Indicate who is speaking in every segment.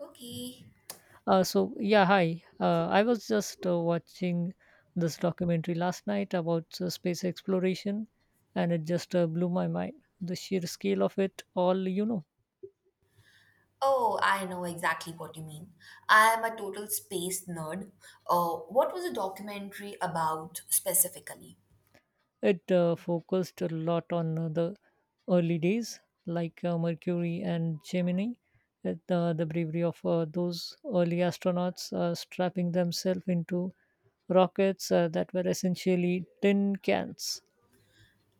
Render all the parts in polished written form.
Speaker 1: Okay.
Speaker 2: So yeah, hi. I was just watching this documentary last night about space exploration, and it just blew my mind. The sheer scale of it all.
Speaker 1: Oh, I know exactly what you mean. I am a total space nerd. What was the documentary about specifically?
Speaker 2: It focused a lot on the early days, like Mercury and Gemini. The bravery of those early astronauts strapping themselves into rockets that were essentially tin cans.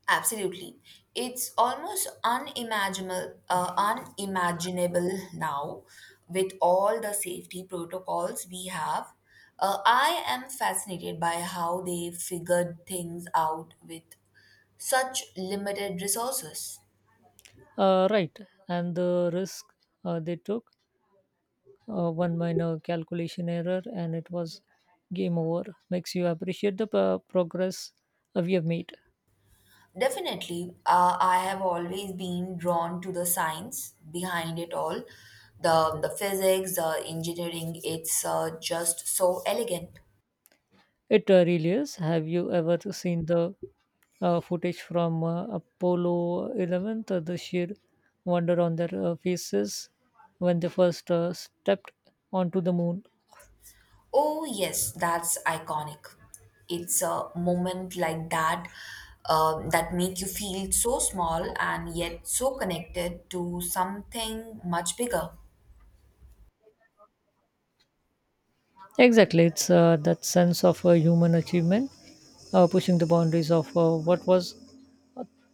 Speaker 1: Absolutely. It's almost unimaginable, unimaginable now with all the safety protocols we have. I am fascinated by how they figured things out with such limited resources.
Speaker 2: Right, and the risk they took. One minor calculation error and it was game over. Makes you appreciate the progress we have made.
Speaker 1: Definitely, I have always been drawn to the science behind it all. The physics, the engineering, it's just so elegant.
Speaker 2: It really is. Have you ever seen the footage from Apollo 11, the sheer wonder on their faces when they first stepped onto the moon?
Speaker 1: Oh, yes, that's iconic. It's a moment like that that make you feel so small and yet so connected to something much bigger.
Speaker 2: Exactly. It's that sense of human achievement, pushing the boundaries of uh, what was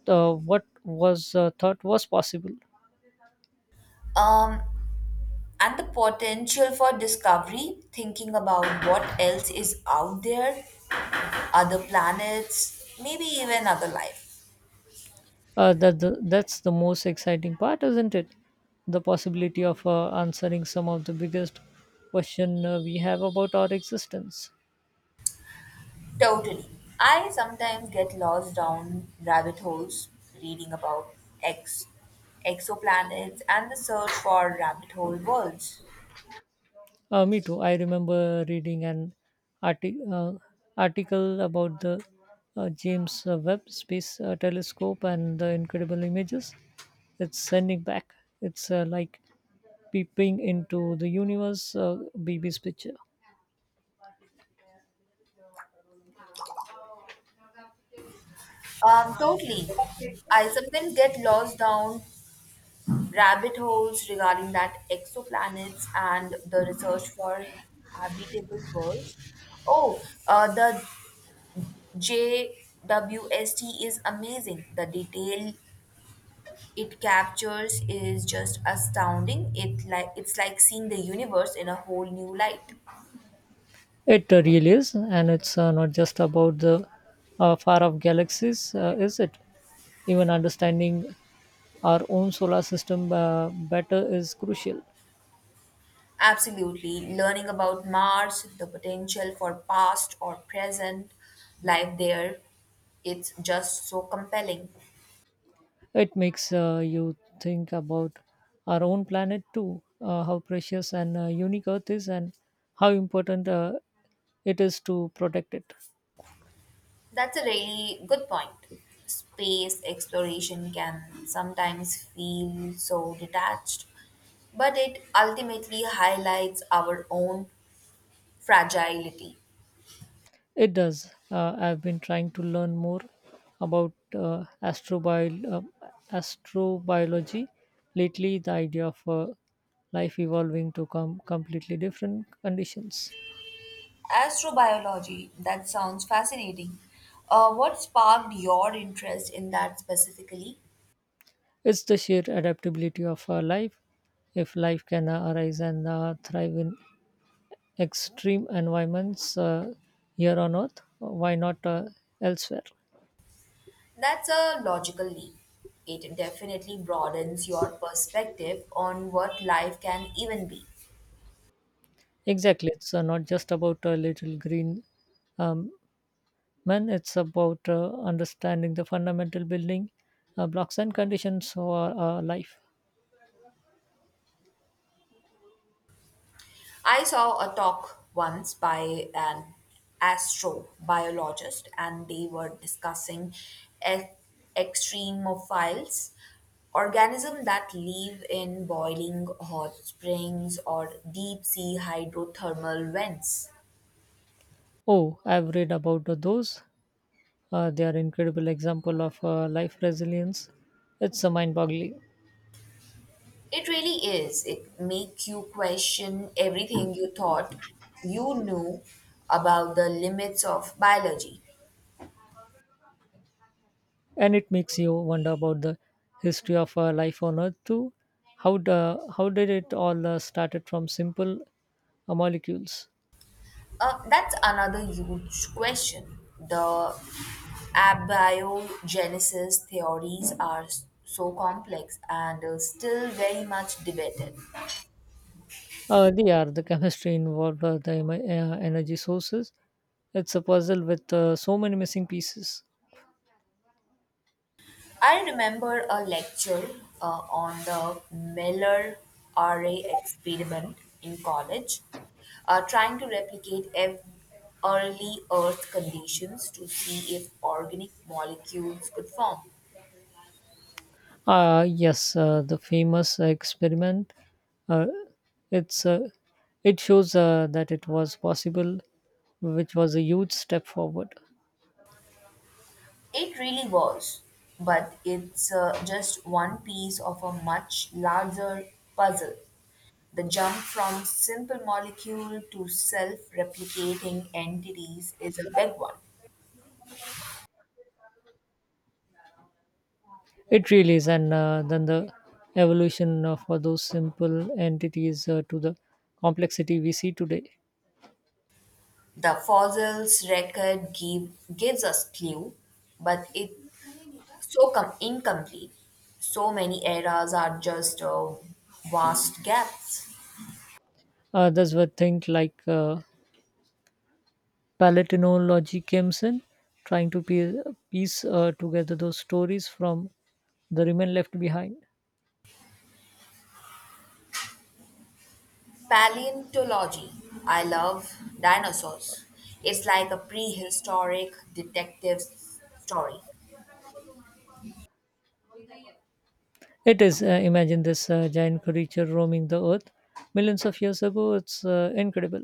Speaker 2: uh, what was thought was possible.
Speaker 1: Um, and the potential for discovery, thinking about what else is out there, other planets, maybe even other life.
Speaker 2: That's the most exciting part, isn't it? The possibility of answering some of the biggest question we have about our existence.
Speaker 1: Totally. I sometimes get lost down rabbit holes reading about ex exoplanets and the search for rabbit hole worlds.
Speaker 2: Me too. I remember reading an arti- uh, article about the James Webb Space Telescope and the incredible images it's sending back. It's like peeping into the universe, baby's picture.
Speaker 1: Totally. I sometimes get lost down rabbit holes regarding that exoplanets and the research for habitable worlds. Oh, the JWST is amazing. The detail it captures is just astounding. It like it's like seeing the universe in a whole new light.
Speaker 2: It really is, and it's not just about the far off galaxies, is it? Even understanding our own solar system better is crucial.
Speaker 1: Absolutely, learning about Mars, the potential for past or present life there, it's just so compelling.
Speaker 2: It makes you think about our own planet too, how precious and unique Earth is, and how important it is to protect it.
Speaker 1: That's a really good point. Space exploration can sometimes feel so detached, but it ultimately highlights our own fragility.
Speaker 2: It does. I've been trying to learn more about astrobiology lately, the idea of life evolving to come completely different conditions.
Speaker 1: Astrobiology, that sounds fascinating. What sparked your interest in that specifically?
Speaker 2: It's the sheer adaptability of our life. If life can arise and thrive in extreme environments here on Earth, why not elsewhere?
Speaker 1: That's a logical leap. It definitely broadens your perspective on what life can even be.
Speaker 2: Exactly. It's not just about a little green um, man, it's about understanding the fundamental building blocks and conditions for life.
Speaker 1: I saw a talk once by an astrobiologist, and they were discussing e- extremophiles, organisms that live in boiling hot springs or deep sea hydrothermal vents.
Speaker 2: Oh, I've read about those. They are incredible example of life resilience. It's mind-boggling,
Speaker 1: It really is. It makes you question everything you thought you knew about the limits of biology.
Speaker 2: and it makes you wonder about the history of life on Earth too. How did it all started from simple molecules?
Speaker 1: That's another huge question. The abiogenesis theories are so complex and still very much debated.
Speaker 2: They are the chemistry involved, energy sources. It's a puzzle with so many missing pieces.
Speaker 1: I remember a lecture on the Miller array experiment in college, trying to replicate early Earth conditions to see if organic molecules could form.
Speaker 2: Yes, the famous experiment. Uh, it's uh, it shows that it was possible, which was a huge step forward.
Speaker 1: It really was, but it's just one piece of a much larger puzzle. The jump from simple molecule to self-replicating entities is a big one.
Speaker 2: It really is, and then the evolution for those simple entities to the complexity we see today.
Speaker 1: The gives us clue, but it's incomplete. So many eras are just vast gaps.
Speaker 2: That's where things like palatinology comes in, trying to piece together those stories from the remain left behind.
Speaker 1: Paleontology. I love dinosaurs. It's like a prehistoric detective story.
Speaker 2: It is. Imagine this giant creature roaming the earth millions of years ago. It's incredible.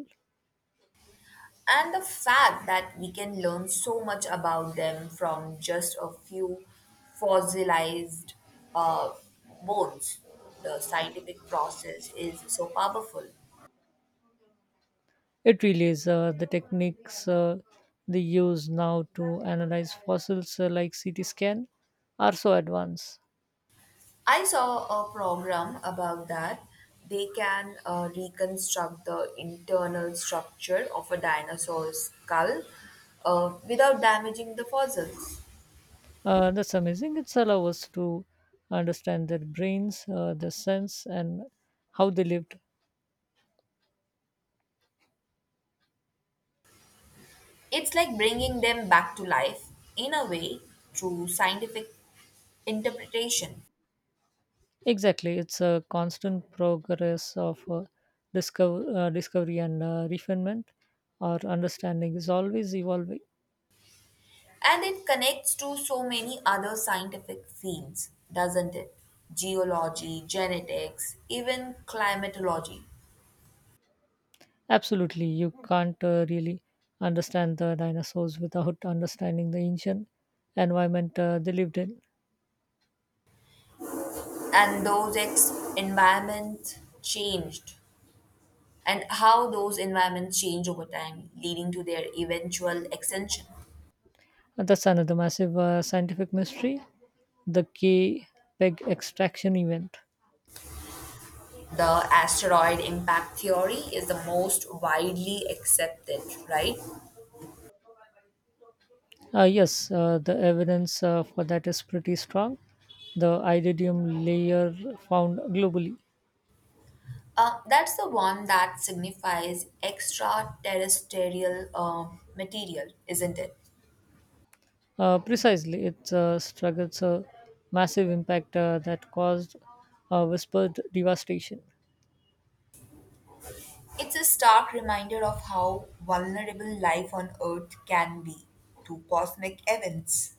Speaker 1: And the fact that we can learn so much about them from just a few fossilized uh, bones, the scientific process is so powerful.
Speaker 2: It really is. The techniques they use now to analyze fossils, like CT scan, are so advanced.
Speaker 1: I saw a program about that. They can reconstruct the internal structure of a dinosaur's skull without damaging the fossils.
Speaker 2: That's amazing. It's allow us to understand their brains, their sense, and how they lived.
Speaker 1: It's like bringing them back to life, in a way, through scientific interpretation.
Speaker 2: Exactly. It's a constant progress of discovery and refinement. Our understanding is always evolving.
Speaker 1: And it connects to so many other scientific fields, doesn't it? Geology, genetics, even climatology.
Speaker 2: Absolutely, you can't really understand the dinosaurs without understanding the ancient environment they lived in.
Speaker 1: And those environment changed and how those environments change over time, leading to their eventual extinction.
Speaker 2: And that's another massive scientific mystery, the K peg extraction event.
Speaker 1: The asteroid impact theory is the most widely accepted, right?
Speaker 2: Yes, the evidence for that is pretty strong. The iridium layer found globally.
Speaker 1: That's the one that signifies extraterrestrial material, isn't it?
Speaker 2: Precisely, it struggles a massive impact that caused whispered devastation.
Speaker 1: It's a stark reminder of how vulnerable life on Earth can be to cosmic events.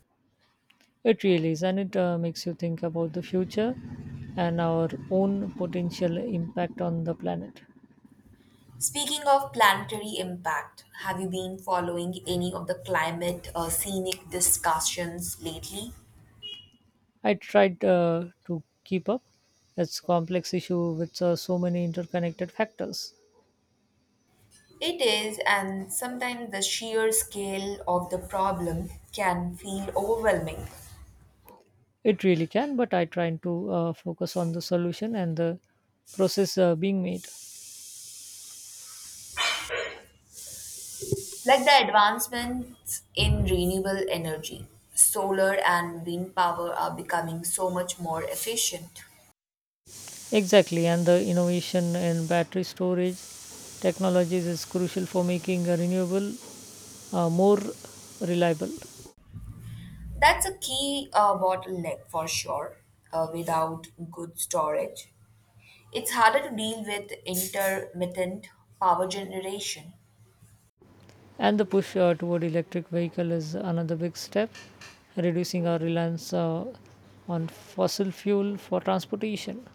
Speaker 2: It really is, and it makes you think about the future and our own potential impact on the planet.
Speaker 1: Speaking of planetary impact, have you been following any of the climate scenic discussions lately?
Speaker 2: I tried to keep up. It's a complex issue with so many interconnected factors.
Speaker 1: It is, and sometimes the sheer scale of the problem can feel overwhelming.
Speaker 2: It really can, but I try to focus on the solution and the process being made.
Speaker 1: Like the advancements in renewable energy, solar and wind power are becoming so much more efficient.
Speaker 2: Exactly, and the innovation in battery storage technologies is crucial for making renewable more reliable.
Speaker 1: That's a key bottleneck for sure. Without good storage, it's harder to deal with intermittent power generation.
Speaker 2: And the push toward electric vehicle is another big step, reducing our reliance on fossil fuel for transportation.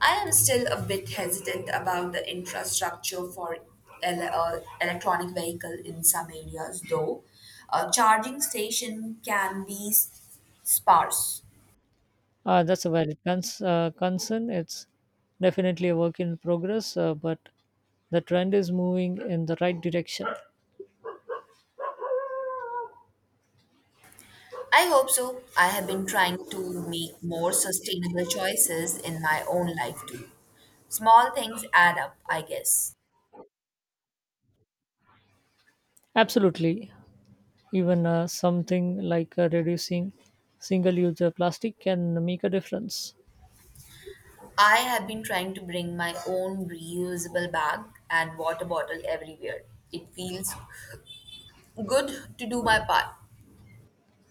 Speaker 1: I am still a bit hesitant about the infrastructure for electronic vehicle in some areas, though. A charging station can be sparse.
Speaker 2: That's a valid concern. It's definitely a work in progress, but the trend is moving in the right direction.
Speaker 1: I hope so. I have been trying to make more sustainable choices in my own life too. Small things add up, I guess.
Speaker 2: Absolutely. Even something like reducing single use plastic can make a difference.
Speaker 1: I have been trying to bring my own reusable bag and water bottle everywhere. It feels good to do my part.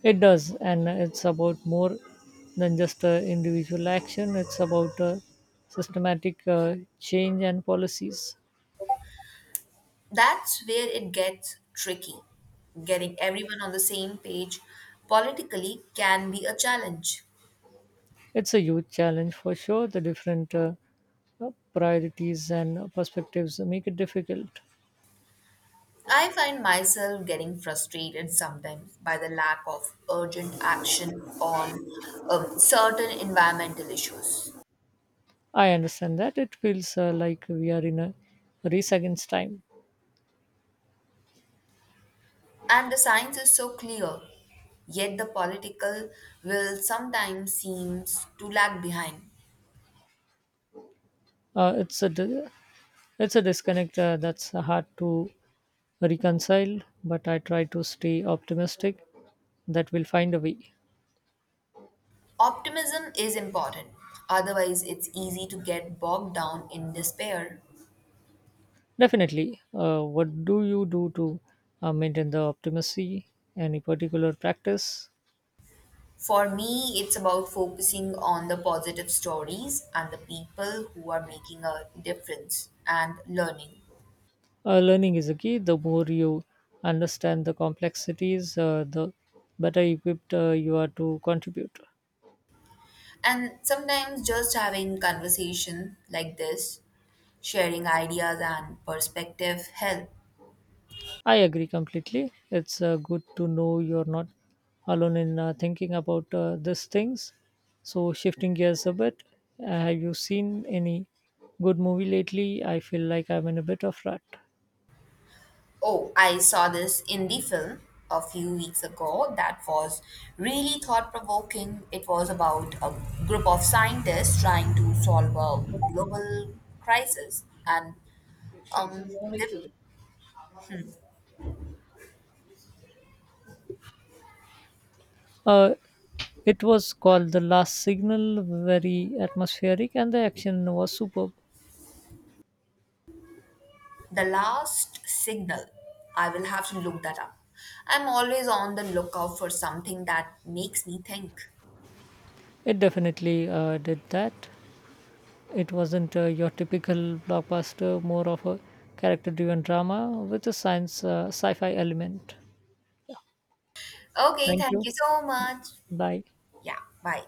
Speaker 2: It does, and it's about more than just individual action. It's about systematic change and policies.
Speaker 1: That's where it gets tricky. Getting everyone on the same page politically can be a challenge.
Speaker 2: It's a huge challenge for sure. The different priorities and perspectives make it difficult.
Speaker 1: I find myself getting frustrated sometimes by the lack of urgent action on certain environmental issues.
Speaker 2: I understand that it feels like we are in a race against time.
Speaker 1: And the science is so clear, yet the political will sometimes seems to lag behind.
Speaker 2: Uh, it's a di- it's a disconnect that's hard to reconcile, but I try to stay optimistic that we'll find a way.
Speaker 1: Optimism is important, otherwise, it's easy to get bogged down in despair.
Speaker 2: Definitely. What do you do to maintain the optimacy? Any particular practice?
Speaker 1: For me, it's about focusing on the positive stories and the people who are making a difference and learning.
Speaker 2: Learning is a key. The more you understand the complexities, the better equipped you are to contribute.
Speaker 1: And sometimes just having conversation like this, sharing ideas and perspective help.
Speaker 2: I agree completely. It's good to know you're not alone in thinking about these things. So, shifting gears a bit, have you seen any good movie lately? I feel like I'm in a bit of rut.
Speaker 1: Oh, I saw this indie film a few weeks ago that was really thought provoking. It was about a group of scientists trying to solve a global crisis and um the,
Speaker 2: Uh, It was called "The Last Signal," very atmospheric, and the action was superb.
Speaker 1: the last signal. I will have to look that up. I'm always on the lookout for something that makes me think.
Speaker 2: It definitely did that. It wasn't your typical blockbuster, more of a character driven drama with a science sci fi element.
Speaker 1: Okay,
Speaker 2: Thank
Speaker 1: thank
Speaker 2: you.
Speaker 1: you so much.
Speaker 2: Bye.
Speaker 1: Yeah, bye.